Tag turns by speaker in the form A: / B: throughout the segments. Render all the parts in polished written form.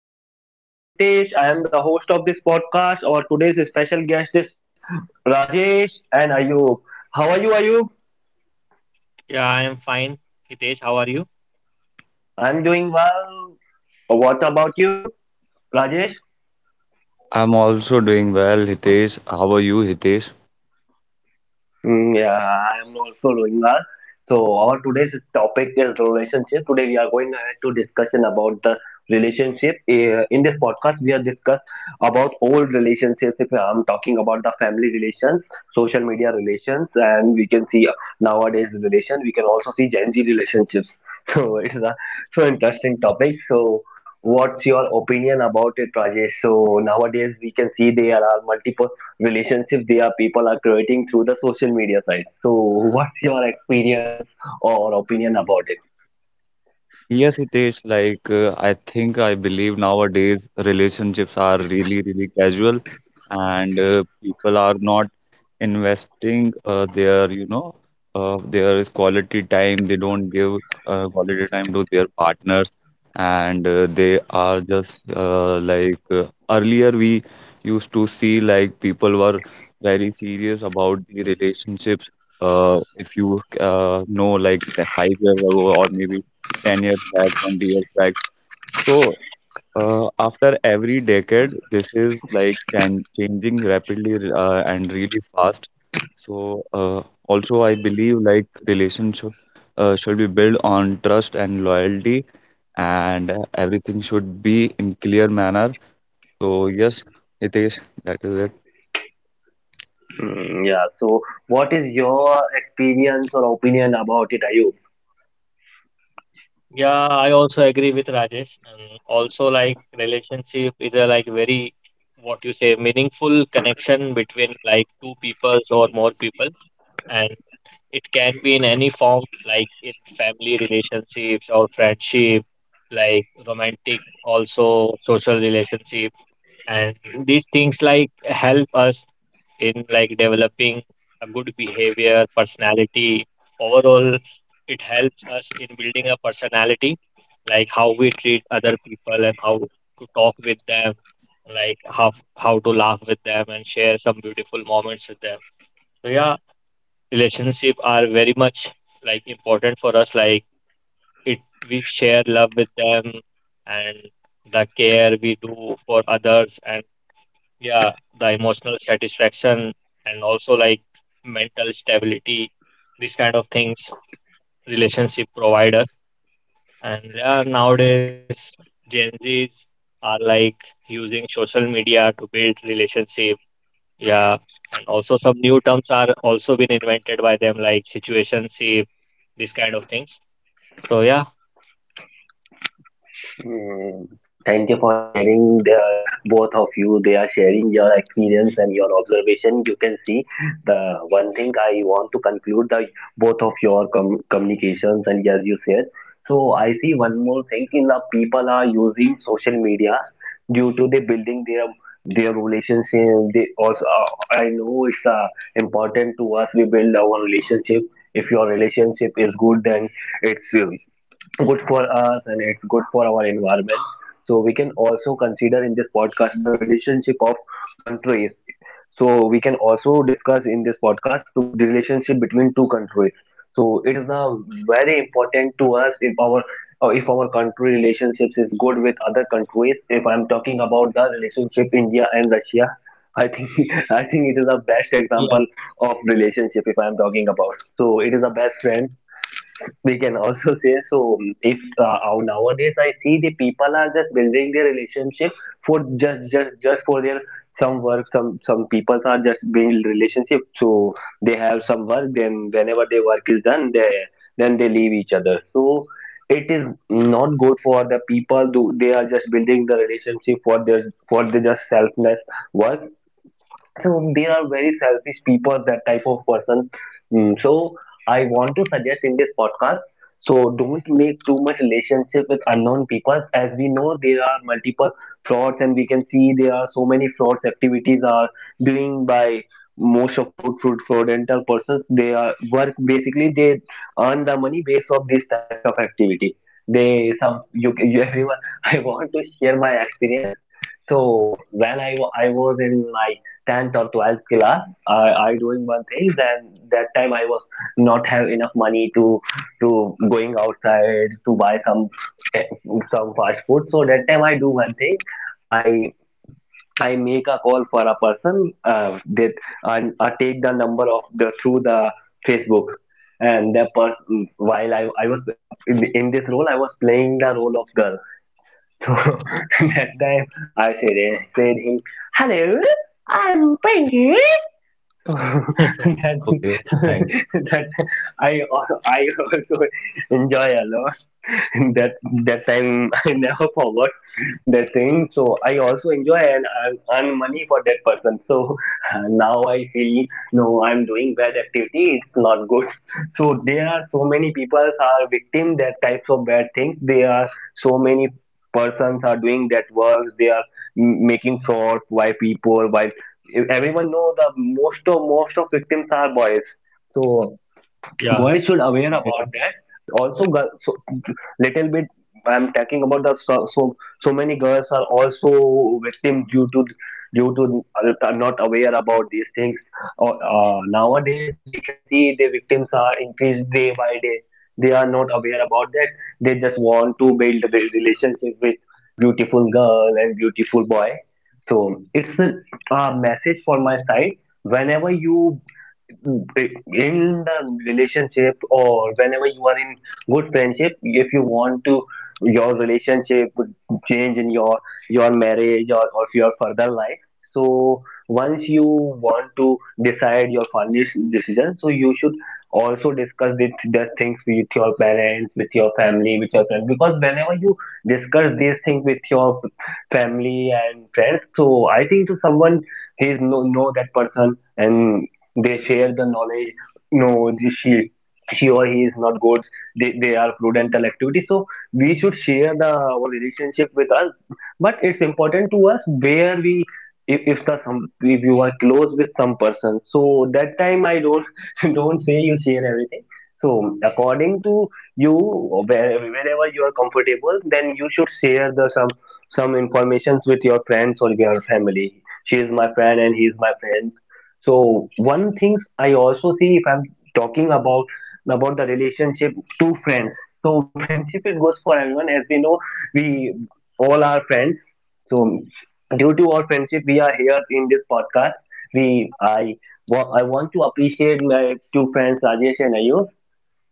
A: podcast. I am Hitesh. I am the host of this podcast. Our today's special guest is Rajesh and Ayub. How are you, Ayub?
B: Yeah, I am fine. Hitesh, how are you?
A: I'm doing well. What about you, Rajesh?
C: I'm also doing well, Hitesh. How are you, Hitesh?
A: Yeah, I am also doing well. So our today's topic is relationship. Today we are going ahead to discussion about the relationship. In this podcast, we are discuss about old relationships. If I'm talking about the family relations, social media relations, and we can see nowadays relation. We can also see Gen Z relationships. So it's a so interesting topic. So what's your opinion about it, Rajesh? So nowadays we can see there are multiple relationship they are people are creating through the social media side. So what's your experience or opinion about it?
C: Yes, Hitesh, I think I believe nowadays relationships are really, really casual and people are not investing their you know their quality time they don't give quality time to their partners and they are just earlier we used to see like people were very serious about the relationships if you know like the 5 years ago or maybe 10 years back 20 years back so After every decade, this is like changing rapidly and really fast. So also, I believe like relationship should be built on trust and loyalty, and everything should be in clear manner. So yes, Hitesh, that is it.
A: Yeah. So what is your experience or opinion about it, Ayub?
B: Yeah, I also agree with Rajesh. And also, like, relationship is a, like, very, what you say, meaningful connection between like two peoples or more people. And it can be in any form, like in family relationships or friendship, like romantic, also social relationship. And these things like help us in like developing a good behavior, personality. Overall, it helps us in building a personality, like how we treat other people and how to talk with them, like how to laugh with them and share some beautiful moments with them. So yeah, relationship are very much like important for us. Like it, we share love with them and the care we do for others and yeah, the emotional satisfaction and also like mental stability, these kind of things relationship provide us. And yeah, nowadays Gen Zs are like using social media to build relationship. Yeah, and also some new terms are also been invented by them like situationship, these kind of things. So yeah,
A: Mm, Thank you for sharing the both of you. They are sharing your experience and your observation. You can see the one thing I want to conclude the both of your communications and as you said. So I see one more thing in the people are using social media due to they building their relationship. They also I know it's important to us. We build our relationship. If your relationship is good, then it's good for us and it's good for our environment. So we can also consider in this podcast the relationship of countries. So we can also discuss in this podcast so the relationship between two countries. So it is now very important to us if our country relationships is good with other countries. If I'm talking about the relationship India and Russia, I think I think it is the best
B: yeah,
A: example of relationship if I'm talking about. So it is the best friend we can also say so if nowadays I see the people are just building their relationship for just for their some work some people are just building relationship so they have some work, then whenever their work is done they then they leave each other. So it is not good for the people do they are just building the relationship for their for the just selfless work, so they are very selfish people, that type of person. So I want to suggest in this podcast so don't make too much relationship with unknown people. As we know there are multiple frauds and we can see there are so many frauds activities are doing by most of fraudental persons. They are work basically. They earn the money based of these types of activity. They some you everyone I want to share my experience. So I was in my tenth or 12th class, I I doing one thing. Then that time I was not have enough money to going outside to buy some eh, some fast food. So that time I do one thing. I I make a call for a person that, and I take the number of the through the Facebook, and the person while I was in this role. I was playing the role of girl. So that time I said him, hello, I'm Pinky. That
C: Okay, thanks.
A: that I I also enjoy a lot. That that time I never forgot that thing. So I also enjoy and earn money for that person. So now I feel, no, I'm doing bad activity. It's not good. So there are so many people are victim that types of bad things. There are so many persons are doing that works. They are making fraud. Why people? Why everyone know the most of victims are boys. So
B: yeah,
A: boys should aware about that also so, little bit I'm talking about the so so many girls are also victim due to not aware about these things. Nowadays we can see the victims are increased day by day. They are not aware about that. They just want to build a relationship with beautiful girl and beautiful boy. So it's a message for my side. Whenever you in the relationship, or whenever you are in good friendship, if you want to your relationship would change in your marriage or your further life, so once you want to decide your final decision, so you should also discuss the things with your parents, with your family, with your friends, because whenever you discuss these things with your family and friends, so I think to someone he is know that person, and they share the knowledge, no, this she or he is not good. They are prudential activities. So we should share the our relationship with us, but it's important to us where we if the some, if you are close with some person, so that time I don't don't say you share everything. So according to you, wherever you are comfortable, then you should share the some informations with your friends or your family. She is my friend and he is my friend. So one things I also see if I'm talking about the relationship to friends. So friendship it goes for everyone. As we know, we all are friends. So due to our friendship we are here in this podcast. we i I want to appreciate my two friends Rajesh and Ayush.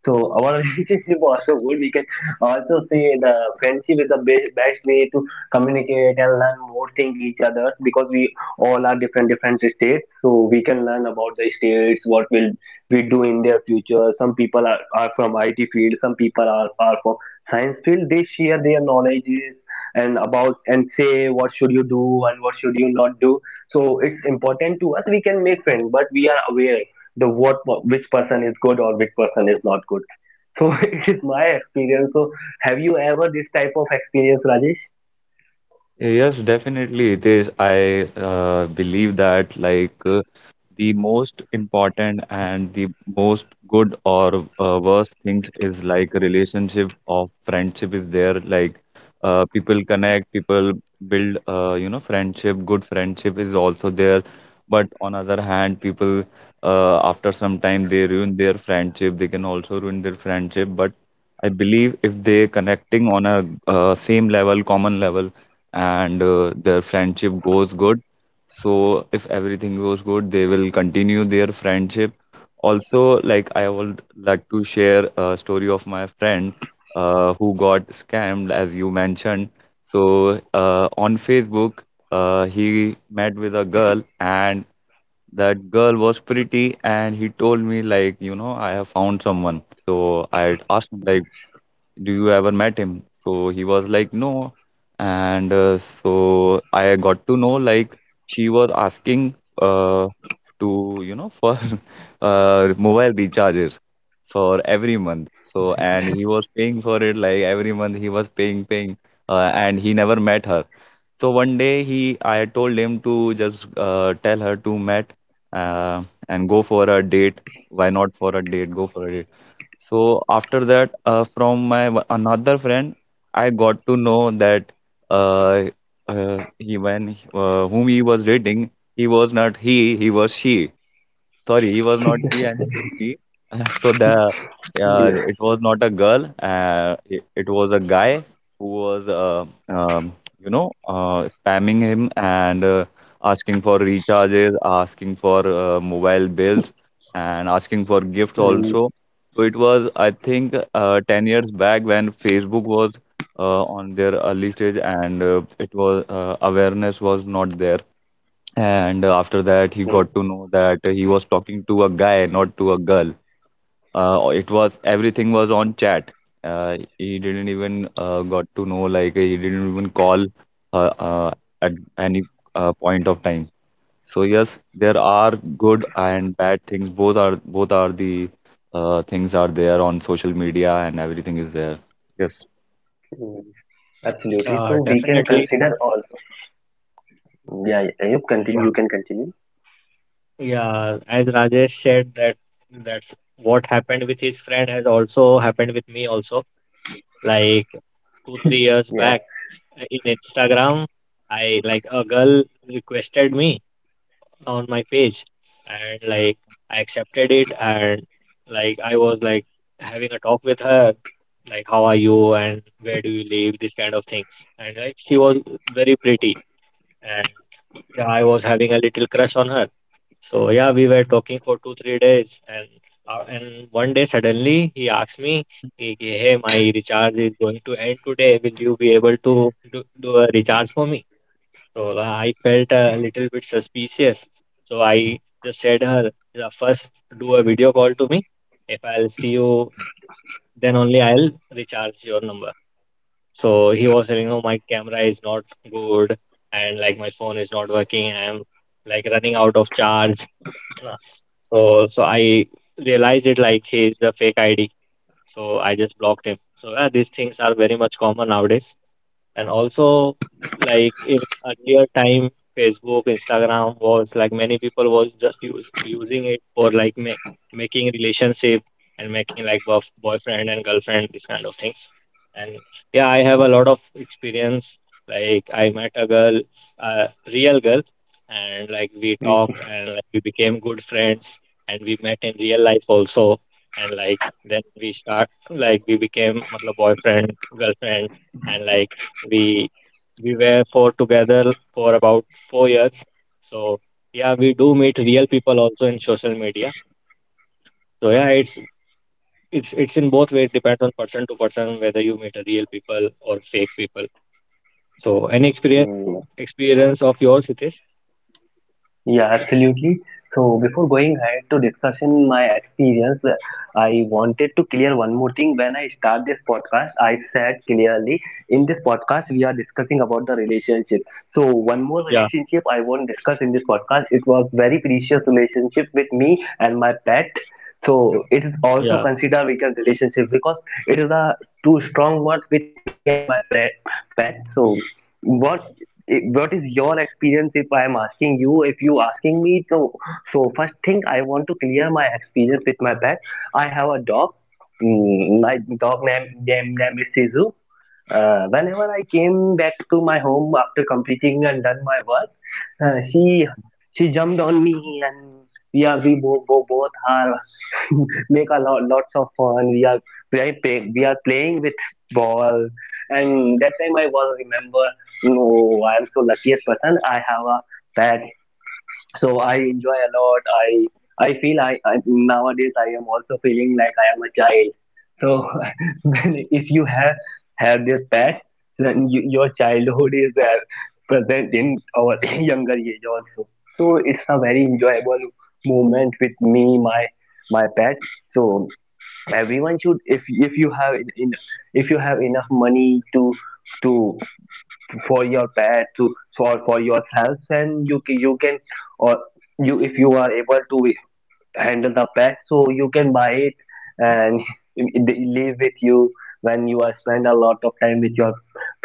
A: So our relationship also good. We can also say the friendship is the best way to communicate and learn more thing each others, because we all are different states. So we can learn about the states, what will we do in their future. Some people are from IT field, some people are from science field. They share their knowledges and about and say what should you do and what should you not do. So it's important to us. We can make friends, but we are aware the what which person is good or which person is not good. So it is my experience. So have you ever this type of experience, Rajesh?
C: Yes, definitely it is. I believe that the most important and the most good or worst things is like relationship of friendship is there people connect people build friendship good friendship is also there but on other hand people after some time they ruin their friendship they can also ruin their friendship but I believe if they connecting on a same level common level and their friendship goes good so if everything goes good, they will continue their friendship. Also, like I would like to share a story of my friend who got scammed, as you mentioned. So on Facebook, he met with a girl, and that girl was pretty, and he told me like, you know, I have found someone. So I asked him like do you ever met him? So he was like, no. And so I got to know like she was asking uh, to, for mobile recharges for every month. So, and he was paying for it like every month he was paying, and he never met her. So one day I told him to just tell her to met uh, and go for a date. Why not for a date? Go for a date. So after that, from my another friend, I got to know that uh, he when whom he was dating, he was she. Sorry, he was not she and he was he. So the
A: Yes.
C: it was not a girl. It was a guy who was um, spamming him and asking for recharges, asking for mobile bills, and asking for gifts
A: Mm.
C: also. So it was I think 10 years back when Facebook was on their early stage and it was awareness was not there and after that, he
A: Hmm.
C: got to know that he was talking to a guy, not to a girl. It was everything was on chat. He didn't even got to know like he didn't even call uh, uh, at any point of time. So yes, there are good and bad things. Both are the things are there on social media and everything is there. Yes.
A: Hmm. Absolutely.
B: yeah,
A: So we can
B: definitely.
A: consider also. Yeah, yeah. You continue.
B: Yeah.
A: You can continue.
B: Yeah, as Rajesh said that's what happened with his friend has also happened with me also. Like two, 3 years
A: Yeah.
B: back in Instagram, I like a girl requested me on my page and like I accepted it and like I was like having a talk with her, like how are you and where do you live, this kind of things. And like she was very pretty and yeah, I was having a little crush on her so yeah, we were talking for two, 3 days, and one day suddenly he asked me, he hey, my recharge is going to end today. Will you be able to do a recharge for me?" So I felt a little bit suspicious. So I just said her, "Yeah, first do a video call to me. If I'll see you, then only I'll recharge your number." So he was saying, "Oh, my camera is not good, and like my phone is not working. I'm like running out of charge." Nah. So I realized it like he's a fake ID. So I just blocked him. So yeah, these things are very much common nowadays. And also, like in earlier time, Facebook, Instagram was like many people was just using it for like ma making relationship and making like boyfriend and girlfriend, this kind of things. And yeah, I have a lot of experience. Like I met a girl, a real girl, and like we
A: Mm.
B: talked and like we became good friends and we met in real life also. And like then we start like we became matlab boyfriend, girlfriend and like we we were for together for about 4 years. So yeah, we do meet real people also in social media. So yeah, it's in both ways. Depends on person to person whether you meet a real people or fake people. So any experience
A: Mm.
B: experience of yours, it is?
A: Yeah, absolutely. So before going ahead to discussion my experience, I wanted to clear one more thing. When I start this podcast, I said clearly in this podcast we are discussing about the relationship. So one more
B: Yeah,
A: relationship I won't discuss in this podcast. It was very precious relationship with me and my pet. So it is also
B: yeah,
A: considered weekend relationship because it is a too strong word with me and my pet. Pet. So what what is your experience if I am asking you? If you asking me, so so first thing I want to clear my experience with my pet. I have a dog. My dog name is Sisu. Whenever I came back to my home after completing and done my work, uh, she she jumped on me, and we are we both are make a lot lots of fun. We are playing, we are playing with ball. And that time I was remember, no, I am so luckiest person, I have a pet. So I enjoy a lot. I feel I nowadays I am also feeling like I am a child. So if you have this pet, then you, your childhood is present in our younger age also. So it's a very enjoyable moment with me my my pet. So everyone should if you have in if you have enough money to for your pets to or for yourselves, and you you can or you, if you are able to handle the pack, so you can buy it and it live with you. When you are spend a lot of time with your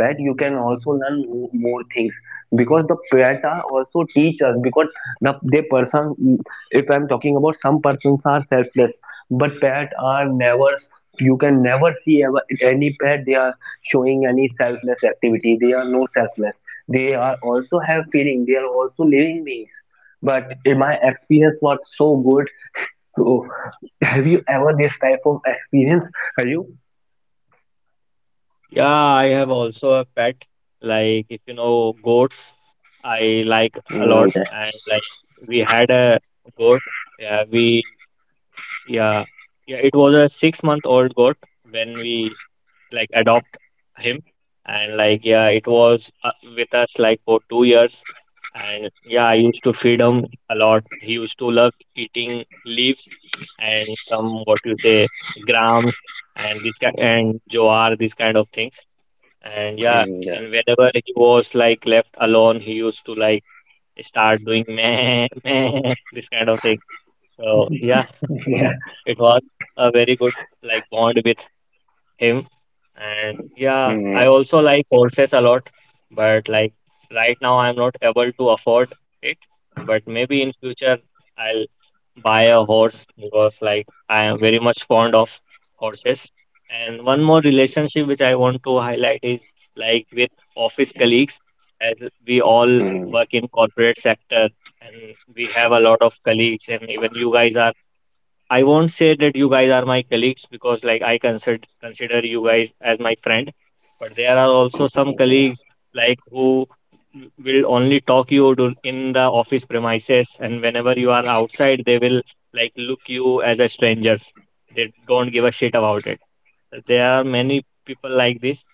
A: pet, you can also learn more things, because the pet are also teachers. Because the they person, if I'm talking about some persons are selfless, but pet are never. You can never see ever any pet they are showing any selfless activity. They are no selfless. They are also have feeling, they are also living beings. But in my experience was so good. So, have you ever this type of experience? Are you?
B: yeah. I have also a pet. Like if you know goats, I like a lot,
A: Yeah.
B: and like we had a goat. Yeah, we Yeah, yeah, it was a 6 month old goat when we like adopt him, and like yeah, it was with us like for 2 years, and yeah, I used to feed him a lot. He used to love eating leaves and some what you say grams and this kind and jowar these kind of things. And yeah, and whenever he was like left alone, he used to like start doing meh meh this kind of thing. So yeah,
A: Yeah.
B: it was a very good like bond with him. And yeah,
A: Mm,
B: I also like horses a lot, but like right now I'm not able to afford it, but maybe in future I'll buy a horse because like I am very much fond of horses. And one more relationship which I want to highlight is like with office colleagues, as we all
A: mm,
B: work in corporate sector and we have a lot of colleagues. And even you guys are, I won't say that you guys are my colleagues, because like I consider you guys as my friend, but there are also some
A: mm,
B: colleagues like who will only talk you to in the office premises, and whenever you are outside they will like look you as a stranger. They don't give a shit about it. There are many people like this.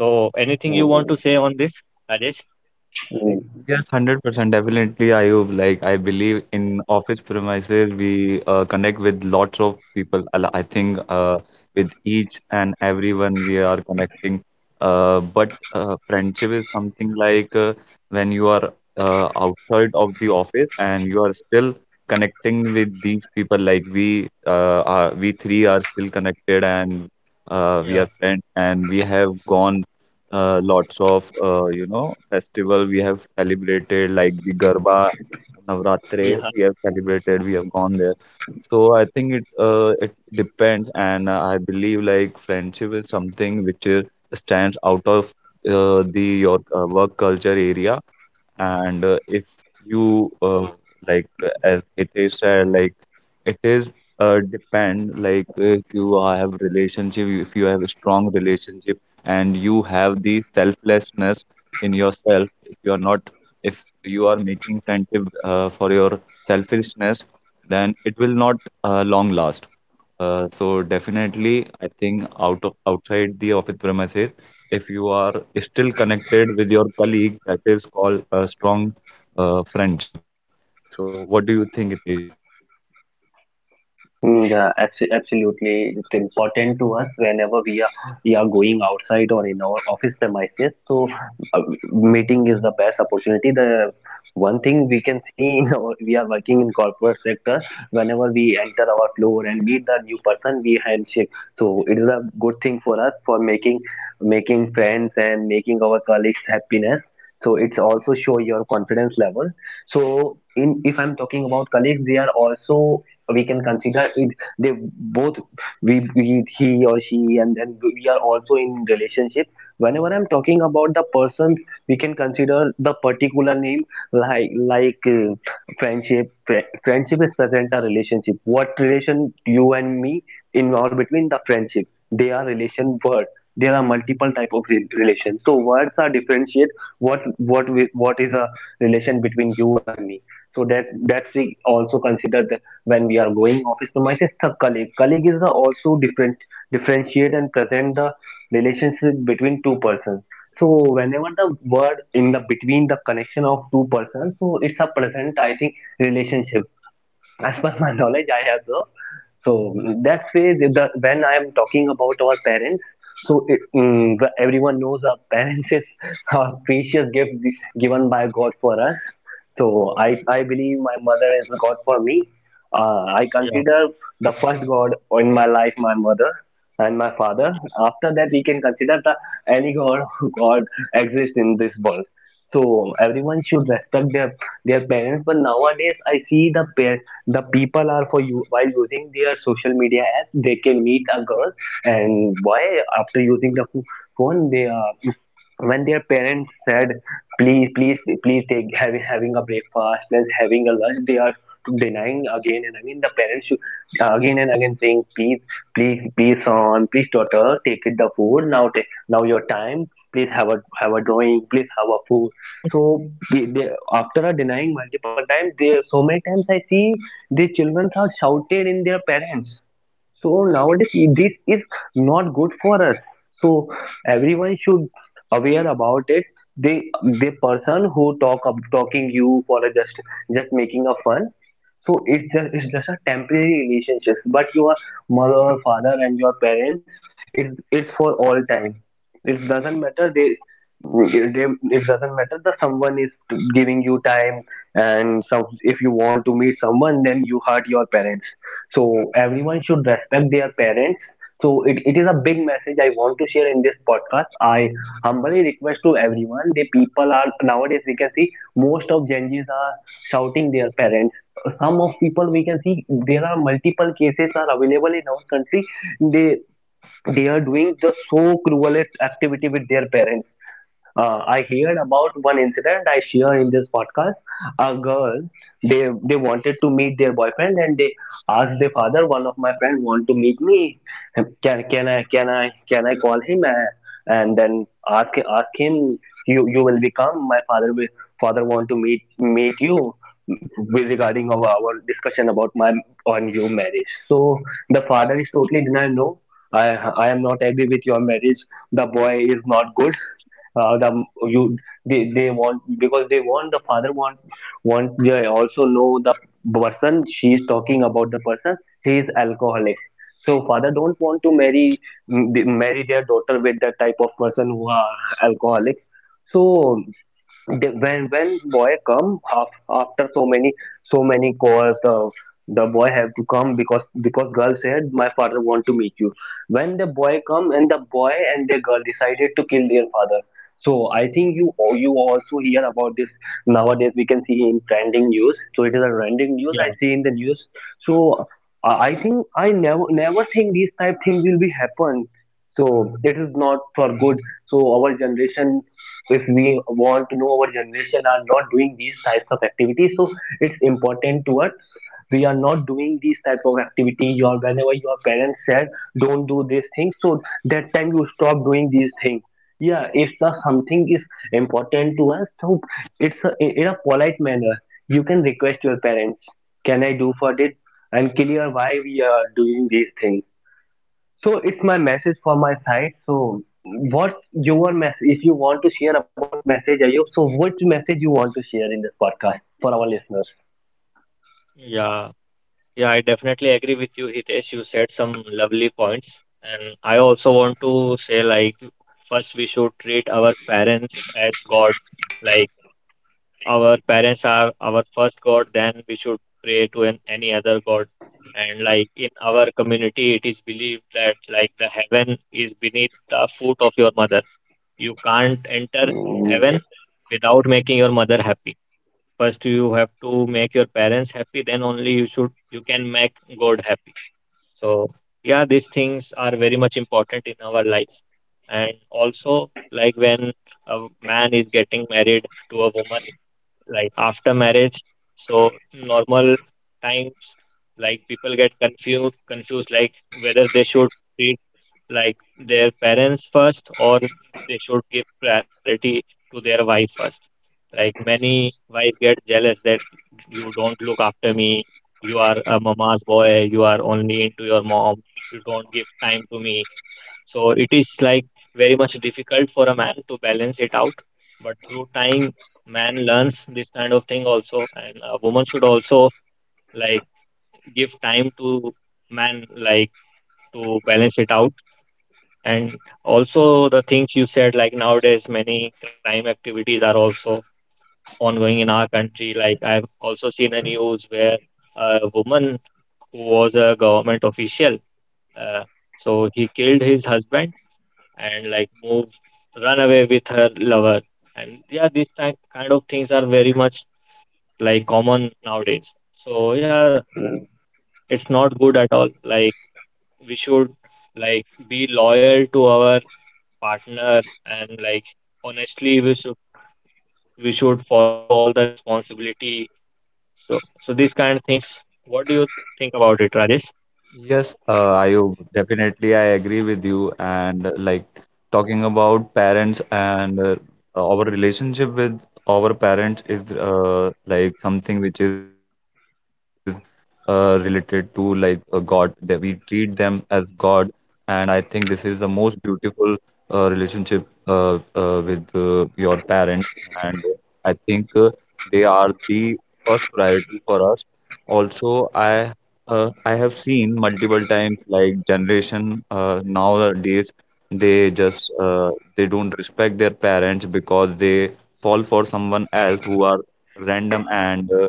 B: So anything you want to
A: mm,
B: say on this, Rajesh?
A: mm.
C: Yes, 100% definitely, Ayub. Like, I believe in office premises, we connect with lots of people. I think with each and everyone we are connecting. But friendship is something like when you are outside of the office and you are still connecting with these people. Like we three are still connected and we are
B: Yeah.
C: friends and we have gone lots of festival we have celebrated like the Garba Navratri
B: Yeah.
C: we have celebrated we have gone there so I think it depends and I believe like friendship is something which is, stands out of the your work culture area and if you as Hitesh said, like it is depend like if you have relationship, if you have a strong relationship, and you have the selflessness in yourself. If you are not, if you are making friendship for your selfishness, then it will not long last. So definitely, I think out of outside the office premises if you are still connected with your colleague that is called a strong friendship so what do you think it is.
A: Yeah, absolutely. It's important to us whenever we are going outside or in our office premises. So, uh, meeting is the best opportunity. The one thing we can see, in our, we are working in corporate sector. Whenever we enter our floor and meet the new person, we handshake. So it is a good thing for us for making friends and making our colleagues happiness. So it's also show your confidence level. So in if I'm talking about colleagues, they are also we can consider it they both we he or she, and then we are also in relationship whenever I'm talking about the person we can consider the particular name like friendship is present a relationship, what relation you and me involve between the friendship, they are relation word. There are multiple type of relations so words are differentiate what is a relation between you and me, so that's we also consider when we are going office premises the colleague is also different differentiate and present the relationship between two persons. So whenever the word in the between the connection of two persons, so it's a present I think relationship. As per my knowledge I have the. So that's way when I am talking about our parents, so everyone knows our parents is a precious given by god for us. So I believe my mother is a god for me. I
B: Yeah.
A: consider the first god in my life, my mother and my father. After that we can consider the any god god exists in this world. So everyone should respect their parents. But nowadays, I see the pair the people are for you while using their social media app, they can meet a girl and boy after using the phone, they are when their parents said, please, please, please take having a breakfast, let's having a lunch, they are denying again and again. The parents should again and again saying, please, please, please, son, please, daughter, take it the food now. Take now your time, please have a drawing, please have a food. So after a denying multiple times they so many times I see the children are shouted in their parents. So nowadays this is not good for us. So everyone should aware about it. They the person who talk up talking you for a just making a fun. So it's just a temporary relationship, but your mother or father and your parents, it's for all time. It doesn't matter they it doesn't matter that someone is giving you time, and some if you want to meet someone then you hurt your parents. So everyone should respect their parents. So it is a big message I want to share in this podcast. I humbly request to everyone the people are nowadays we can see most of gen z's are shouting their parents. Some of people we can see there are multiple cases are available in our country. they they are doing just so cruelest activity with their parents. I heard about one incident I share in this podcast. A girl, they wanted to meet their boyfriend, and they asked their father. One of my friend want to meet me. Can I call him and then ask him, you will become my father will father want to meet you with regarding of our discussion about my on your marriage. So the father is totally denied. No, I I am not agree with your marriage. The boy is not good. Uh, the you they want because they want the father want they also know the person, she is talking about the person, he is alcoholic. So father don't want to marry their daughter with that type of person who are alcoholic. So when boy come af, after so many calls the boy have to come because girl said my father want to meet you. When the boy come and the boy and the girl decided to kill their father. So I think you you also hear about this. Nowadays we can see in trending news, so it is a trending news I
B: Yeah.
A: see in the news. So I think I never think these type thing will be happen. So it is not for good. So our generation if we want to know our generation are not doing these types of activities, so it's important to us. We are not doing these type of activity. Your whenever your parents said don't do these things, so that time you stop doing these things. Yeah, if the something is important to us, so in a polite manner you can request your parents, can I do for it, and clear why we are doing these things. So it's my message for my side. So what your message, if you want to share about message, Ayub, so what message you want to share in this podcast for our listeners?
B: Yeah. Yeah, I definitely agree with you, Hitesh. You said some lovely points. And I also want to say, like, first, we should treat our parents as God. Like, our parents are our first God, then we should pray to any other God. And, like, in our community, it is believed that, like, the heaven is beneath the foot of your mother. You can't enter
A: Mm.
B: heaven without making your mother happy. First, you have to make your parents happy, then only you can make God happy. So yeah, these things are very much important in our life. And also, like when a man is getting married to a woman, like after marriage, so normal times, like people get confused, like whether they should treat like their parents first, or they should give priority to their wife first. Like many wife get jealous that you don't look after me, you are a mama's boy, you are only into your mom, you don't give time to me. So it is like very much difficult for a man to balance it out. But through time, man learns this kind of thing also, and a woman should also like give time to man like to balance it out. And also the things you said, like nowadays many crime activities are also ongoing in our country. Like I've also seen a news where a woman who was a government official, uh, so he killed his husband and like moved, run away with her lover. And yeah, these type kind of things are very much like common nowadays. So yeah, it's not good at all. Like we should like be loyal to our partner and like honestly we should follow all the responsibility. So these kind of things. What do you think about it, Rajesh?
C: Yes, Ayub, definitely I agree with you. And like talking about parents and our relationship with our parents is like something which is related to like God, that we treat them as God. And I think this is the most beautiful relationship with your parents. And I think they are the first priority for us. Also, I have seen multiple times like generation nowadays they just they don't respect their parents because they fall for someone else who are random and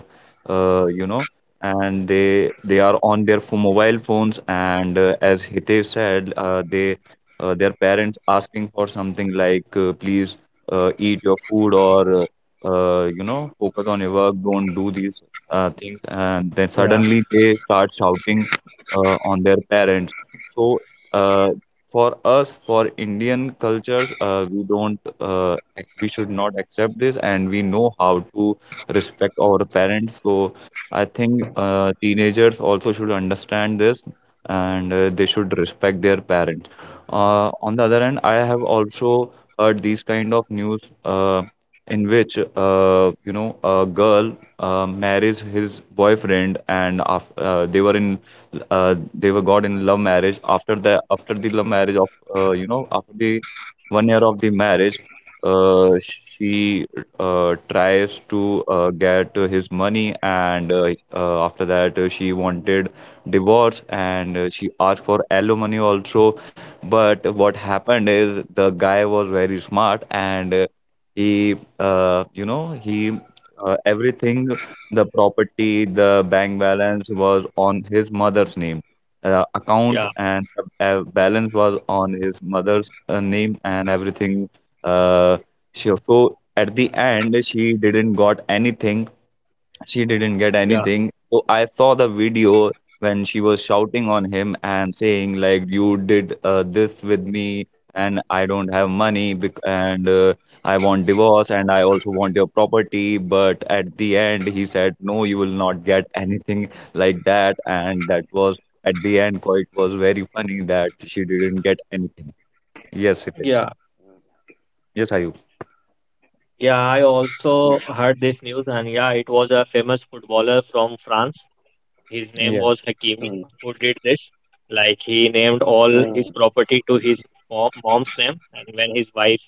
C: uh, you know and they are on their mobile phones and as Hitesh said they their parents asking for something like please eat your food or focus on your work don't do these things, and then
B: Yeah,
C: suddenly they start shouting on their parents. So, uh, for us, for Indian cultures, we don't, ac- we should not accept this, and we know how to respect our parents. So, I think teenagers also should understand this, and they should respect their parents. On the other hand, I have also heard these kind of news. In which a girl marries his boyfriend and they were got in love marriage after the love marriage of after the 1 year of the marriage she tries to get his money and after that she wanted divorce and she asked for alimony also but what happened is the guy was very smart and he, he everything, the property, the bank balance was on his mother's name, account
B: yeah,
C: and the balance was on his mother's name and everything. Uh, so at the end, she didn't got anything. She didn't get
B: yeah.
C: anything. So I saw the video when she was shouting on him and saying like you did this with me and I don't have money bec- and I want divorce and I also want your property but at the end he said no you will not get anything like that and that was at the end quite was very funny that she didn't get anything. Yes it is.
B: Yeah,
C: Yes, Ayub.
B: yeah, I also heard this news, and yeah, it was a famous footballer from France. His name
C: Yeah,
B: was
A: Mm,
B: Hakimi, who did this. Like he named
A: mm, mm,
B: all
A: mm,
B: his property to his mom's name, and when his wife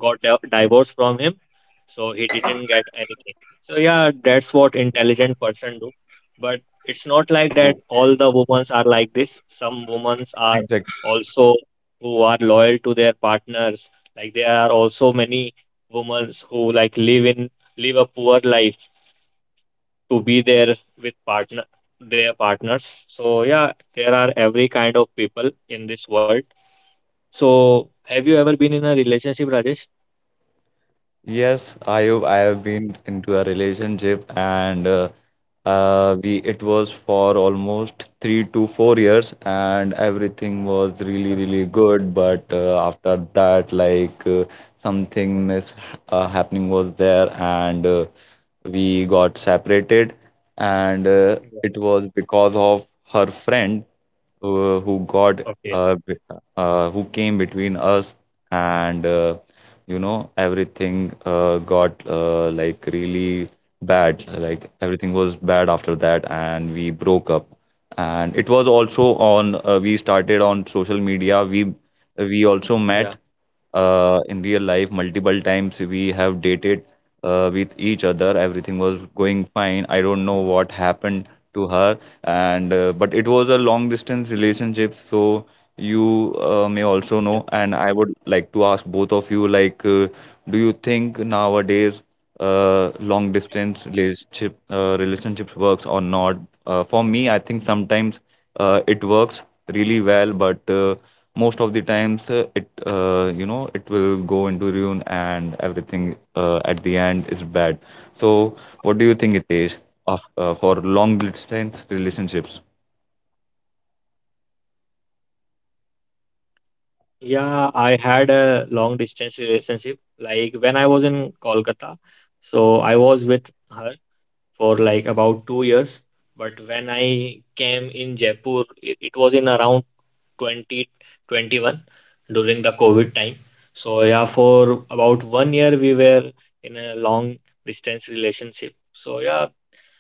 B: got divorced from him, so he didn't get anything. So yeah, that's what intelligent person do. But it's not like
A: mm.
B: that all the women are like this. Some women are
C: exactly.
B: also who are loyal to their partners. Like there are also many women
A: Mm, yeah,
B: who like live in
A: absolutely.
B: live a
A: If I
B: poor
A: want to
B: life
A: conclude your both of
B: to
A: your
B: be there
A: conversations,
B: with
A: so
B: partner
A: I see
B: their
A: nowadays
B: partners.
A: the
B: So
A: relations
B: yeah,
A: are
B: there
A: between
B: are
A: day by
B: every
A: day
B: kind
A: worse
B: of people in
A: when
B: this
A: they
B: world.
A: two people are
B: So have you
A: engaging
B: ever been
A: each
B: in a
A: other.
B: relationship,
A: They
B: Rajesh?
A: that time they are enjoying a lot of they
C: Yes,
A: are they
C: Ayub,
A: see
C: I
A: our
C: have been
A: relationship
C: into a
A: is best in
C: relationship
A: all over the
C: and
A: world. So after a
C: we it
A: week,
C: was
A: after a
C: for
A: month, we can see
C: almost
A: it
C: three
A: it
C: to
A: it
C: four
A: will
C: years
A: worse day
C: and
A: by day,
C: everything
A: day by
C: was
A: day it
C: really
B: Uh,
A: will be
C: really
A: worse. So
C: good. But
A: one thing
C: uh,
A: I
C: after
A: want to
C: that,
A: suggest for our podcast
C: something mis
A: listeners. So
C: happening was
A: nowadays the
C: there
A: people are
C: and
A: no one want to
C: we got
A: sacrifice.
C: separated
A: The people they
C: and
A: think why I
B: yeah.
A: am
C: it was
A: sacrificing,
C: because of her
A: why I say
C: friend
A: sorry. So
C: who
A: sorry is a
C: got
B: Okay.
A: not a big word.
C: who
A: Whenever you
C: came
A: feel
C: between
A: the
C: us
A: in your
C: and
A: relationship is going going
C: everything
A: the bad way,
C: got
A: so you just
C: like
A: you just say
C: really
A: sorry.
C: bad
A: So it
C: like
A: is
C: everything
A: good
C: was
A: way
C: bad after
A: to
C: that
A: save
C: and
A: your
C: we broke
A: relationship.
C: up
A: Nowadays
C: and
A: we
C: it
A: can
C: was also
A: see
C: on
A: the
C: we
A: people are
C: started
A: just
C: on social media
A: in
C: we
A: their attitude
C: we
A: just for
C: also
A: their
B: Yeah.
C: met
A: showing their attitude they say
C: in real
A: why
C: life
A: I am saying
C: multiple times
A: sorry.
C: we
A: So
C: have
A: it is a
C: dated
A: good word, it's
C: with
A: just
C: each
A: little
C: other
A: bit word
C: everything was going
A: sorry,
C: fine I
A: this
C: don't
A: will
C: know
A: never
C: what
A: happen.
C: happened to
A: So
C: her
A: it
C: and
A: doesn't
C: but it
A: matter
C: was a long
A: what
C: distance
A: what is
C: relationship so
A: what the
C: you
A: people are not doing
C: may
A: this.
C: also
B: Yeah.
C: know.
A: So
C: And I would like to
A: I
C: ask both
A: think
C: of you,
A: everyone should do that.
C: do you
A: It's a
C: think
A: very good
C: nowadays
A: whenever when the peop
C: long
A: whenever you
C: distance
A: see our relationships
C: relationships
A: not
C: works or
A: good, if
C: not?
A: some
C: For
A: some
C: me, I
A: people
C: think
A: are some
C: sometimes
A: people are don't
C: it
A: want you
C: works
A: you
C: really
A: both are
C: well,
A: happy.
C: but
A: So
C: most
A: they
C: of
A: are,
C: the
A: they are
C: times
A: also
C: it
A: doing these things.
C: you know it
A: Mm, they-
C: will
A: because
C: go
A: they
C: into
A: don't want
C: ruin
A: you
C: and
A: you you
C: everything
A: live
C: at the
A: with
C: end
A: each
C: is bad.
A: other.
C: So,
A: So
C: what do you
A: that
C: think
A: time
C: it
A: just
C: is of
A: if
C: for
A: you say
C: long
A: sorry,
C: distance
A: it will never
C: relationships?
A: happen in future. And if some misunderstanding which both of you, then you
B: Yeah,
A: clear
B: I
A: each
B: had
A: other
B: a
A: that that
B: long
A: time
B: distance
A: I'm doing
B: relationship.
A: this thing,
B: Like when
A: it,
B: I was
A: it, it
B: in
A: is my
B: Kolkata,
A: mistake, and she
B: so
A: is
B: I was
A: also
B: with
A: committing their
B: her
A: mistake.
B: for like
A: So it
B: about
A: will
B: two
A: good for
B: years.
A: us
B: But
A: for
B: when
A: for a
B: I
A: long term
B: came in
A: relationship.
B: Jaipur, it,
A: We
B: it was
A: can
B: in
A: nowadays
B: around
A: we can also see if I'm talking about
B: 2021
A: I
B: during
A: take
B: the
A: a word
B: COVID
A: from
B: time.
A: long term, I
B: So yeah,
A: take a word
B: for
A: long.
B: about one year
A: Here
B: we
A: I'm
B: were in
A: discussing
B: a
A: on the
B: long
A: for the
B: distance
A: long distance
B: relationship. So
A: relationship.
B: yeah,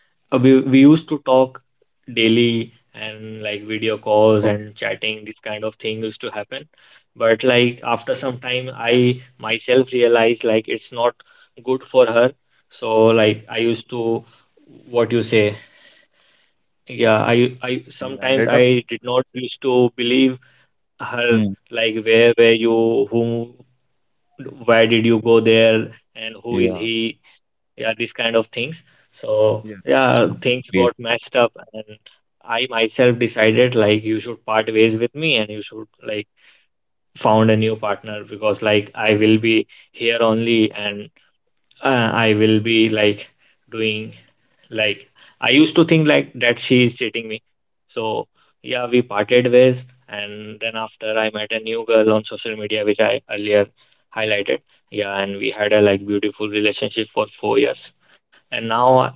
A: So
B: we
A: long
B: we
A: distance
B: used to
A: relationship is,
B: talk
A: I think it's not
B: daily
A: so painful.
B: and like
A: The
B: video
A: persons
B: calls
A: are
C: Okay,
A: so
B: and chatting. This kind
A: so
B: of
A: long
B: thing used to
A: distance. If I'm
B: happen.
A: talking about the
B: But
A: person,
B: like
A: a
B: after some
A: person who is
B: time,
A: sitting in
B: I
A: India and
B: myself
A: second
B: realized
A: second
B: like
A: one
B: it's
A: is
B: not
A: sitting in
B: good
A: America,
B: for her.
A: they never meet
B: So
A: each
B: like
A: other.
B: I
A: They
B: used
A: are
B: to,
A: just they're just
B: what you
A: spending their
B: say,
A: time while on video
B: yeah, i
A: call or
B: i
A: calling.
C: you
B: sometimes
C: ended
A: So
C: up.
B: I
A: it is
B: did not used to
A: very painful
B: believe
A: because I
B: her,
C: Hmm.
A: also have
B: like where were
A: experience for
B: you, whom,
A: long distance relationship.
B: why did you go there
A: One one of
B: and
A: my
B: who is
C: Yeah.
A: friend and
B: he,
A: me
B: yeah, these
A: um,
B: kind of
A: that
B: things.
A: time I feel
B: So
C: Yes,
A: when
B: yeah,
A: we meet,
B: things
A: but
C: completely.
B: got messed up,
A: it is a
B: and
A: very long distance
B: I myself
A: relationship, so
B: decided like
A: it's
B: you
A: not
B: should part
A: possible we
B: ways with
A: meet
B: me and you
A: each
B: should
A: other
B: like
A: in a in
B: found a
A: once in
B: new
A: a week
B: partner
A: and once
B: because
A: in a
B: like
A: month.
B: I will be
A: So
B: here
A: definitely
B: only
A: after a,
B: and
A: after a year
B: I
A: I
B: will
A: meet,
B: be
A: meet
B: like
A: her.
B: doing,
A: Mm, that time I feel
B: like
A: oh my
B: I
A: god.
B: used
A: That
B: to
A: time I
B: think
A: feel
B: like
A: so
B: that she is
A: painful.
B: cheating me. So
A: How I do
B: yeah, we
A: that time.
B: parted ways, and
A: So
B: then
A: have you
B: after I
A: ever
B: met a
A: this
B: new
A: type
B: girl
A: of
B: on social
A: long
B: media, which
A: distance
B: I
A: relationship
B: earlier
A: experience in
B: highlighted.
A: your life? Are
B: Yeah,
A: you?
B: and we had a like beautiful relationship for 4 years, and now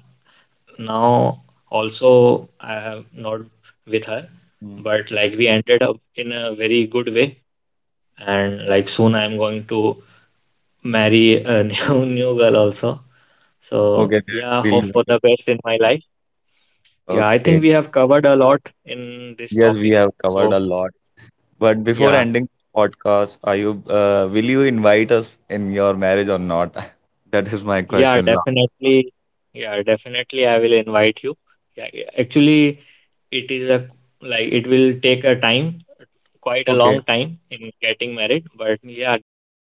B: now also I have not with her,
C: Mm.
B: but
A: Mm,
B: like we ended
A: I
B: up
A: think we
B: in
A: are
B: a very
A: facing
B: good way,
A: technical issue in this
B: and
A: podcast,
B: like
A: so
B: soon I'm going
A: I
B: to
A: have to end this podcast
B: marry
A: here
B: a
A: because
B: new
A: we
B: girl
A: you
B: also.
A: or you both are both
B: So
C: Okay,
A: voice
C: that's
B: yeah,
A: are
C: really
B: hope for the
C: wonderful.
B: best
A: not
B: in my
A: in and
B: life.
A: out. I- You are
B: Yeah,
A: it's
B: I
C: Okay.
B: think we
A: if
B: have
A: I'm
B: covered a
A: talking,
B: lot
A: the voice
B: in
A: is
B: this
A: not
C: Yes, we
B: topic.
A: little
C: have
A: bit
C: covered a
B: So,
A: listenable.
C: lot.
A: So I
C: But
A: have
C: before
A: to
B: yeah,
C: ending
A: end
C: the
A: this
C: podcast,
A: podcast
C: are
A: here.
C: you will
A: Thank
C: you
A: you for
C: invite us
A: joining my
C: in your
A: podcast.
C: marriage or not?
A: Bye bye.
C: That is
A: Bye
C: my
A: bye
B: yeah,
A: Ayu.
C: question.
A: Bye
C: La-
A: bye
B: definitely. Yeah,
A: Rajesh.
B: definitely. I
A: Bye.
B: will invite you. Yeah, yeah, actually, it is a like it will take a time, quite a
C: Okay.
B: long time in getting married, but yeah, definitely.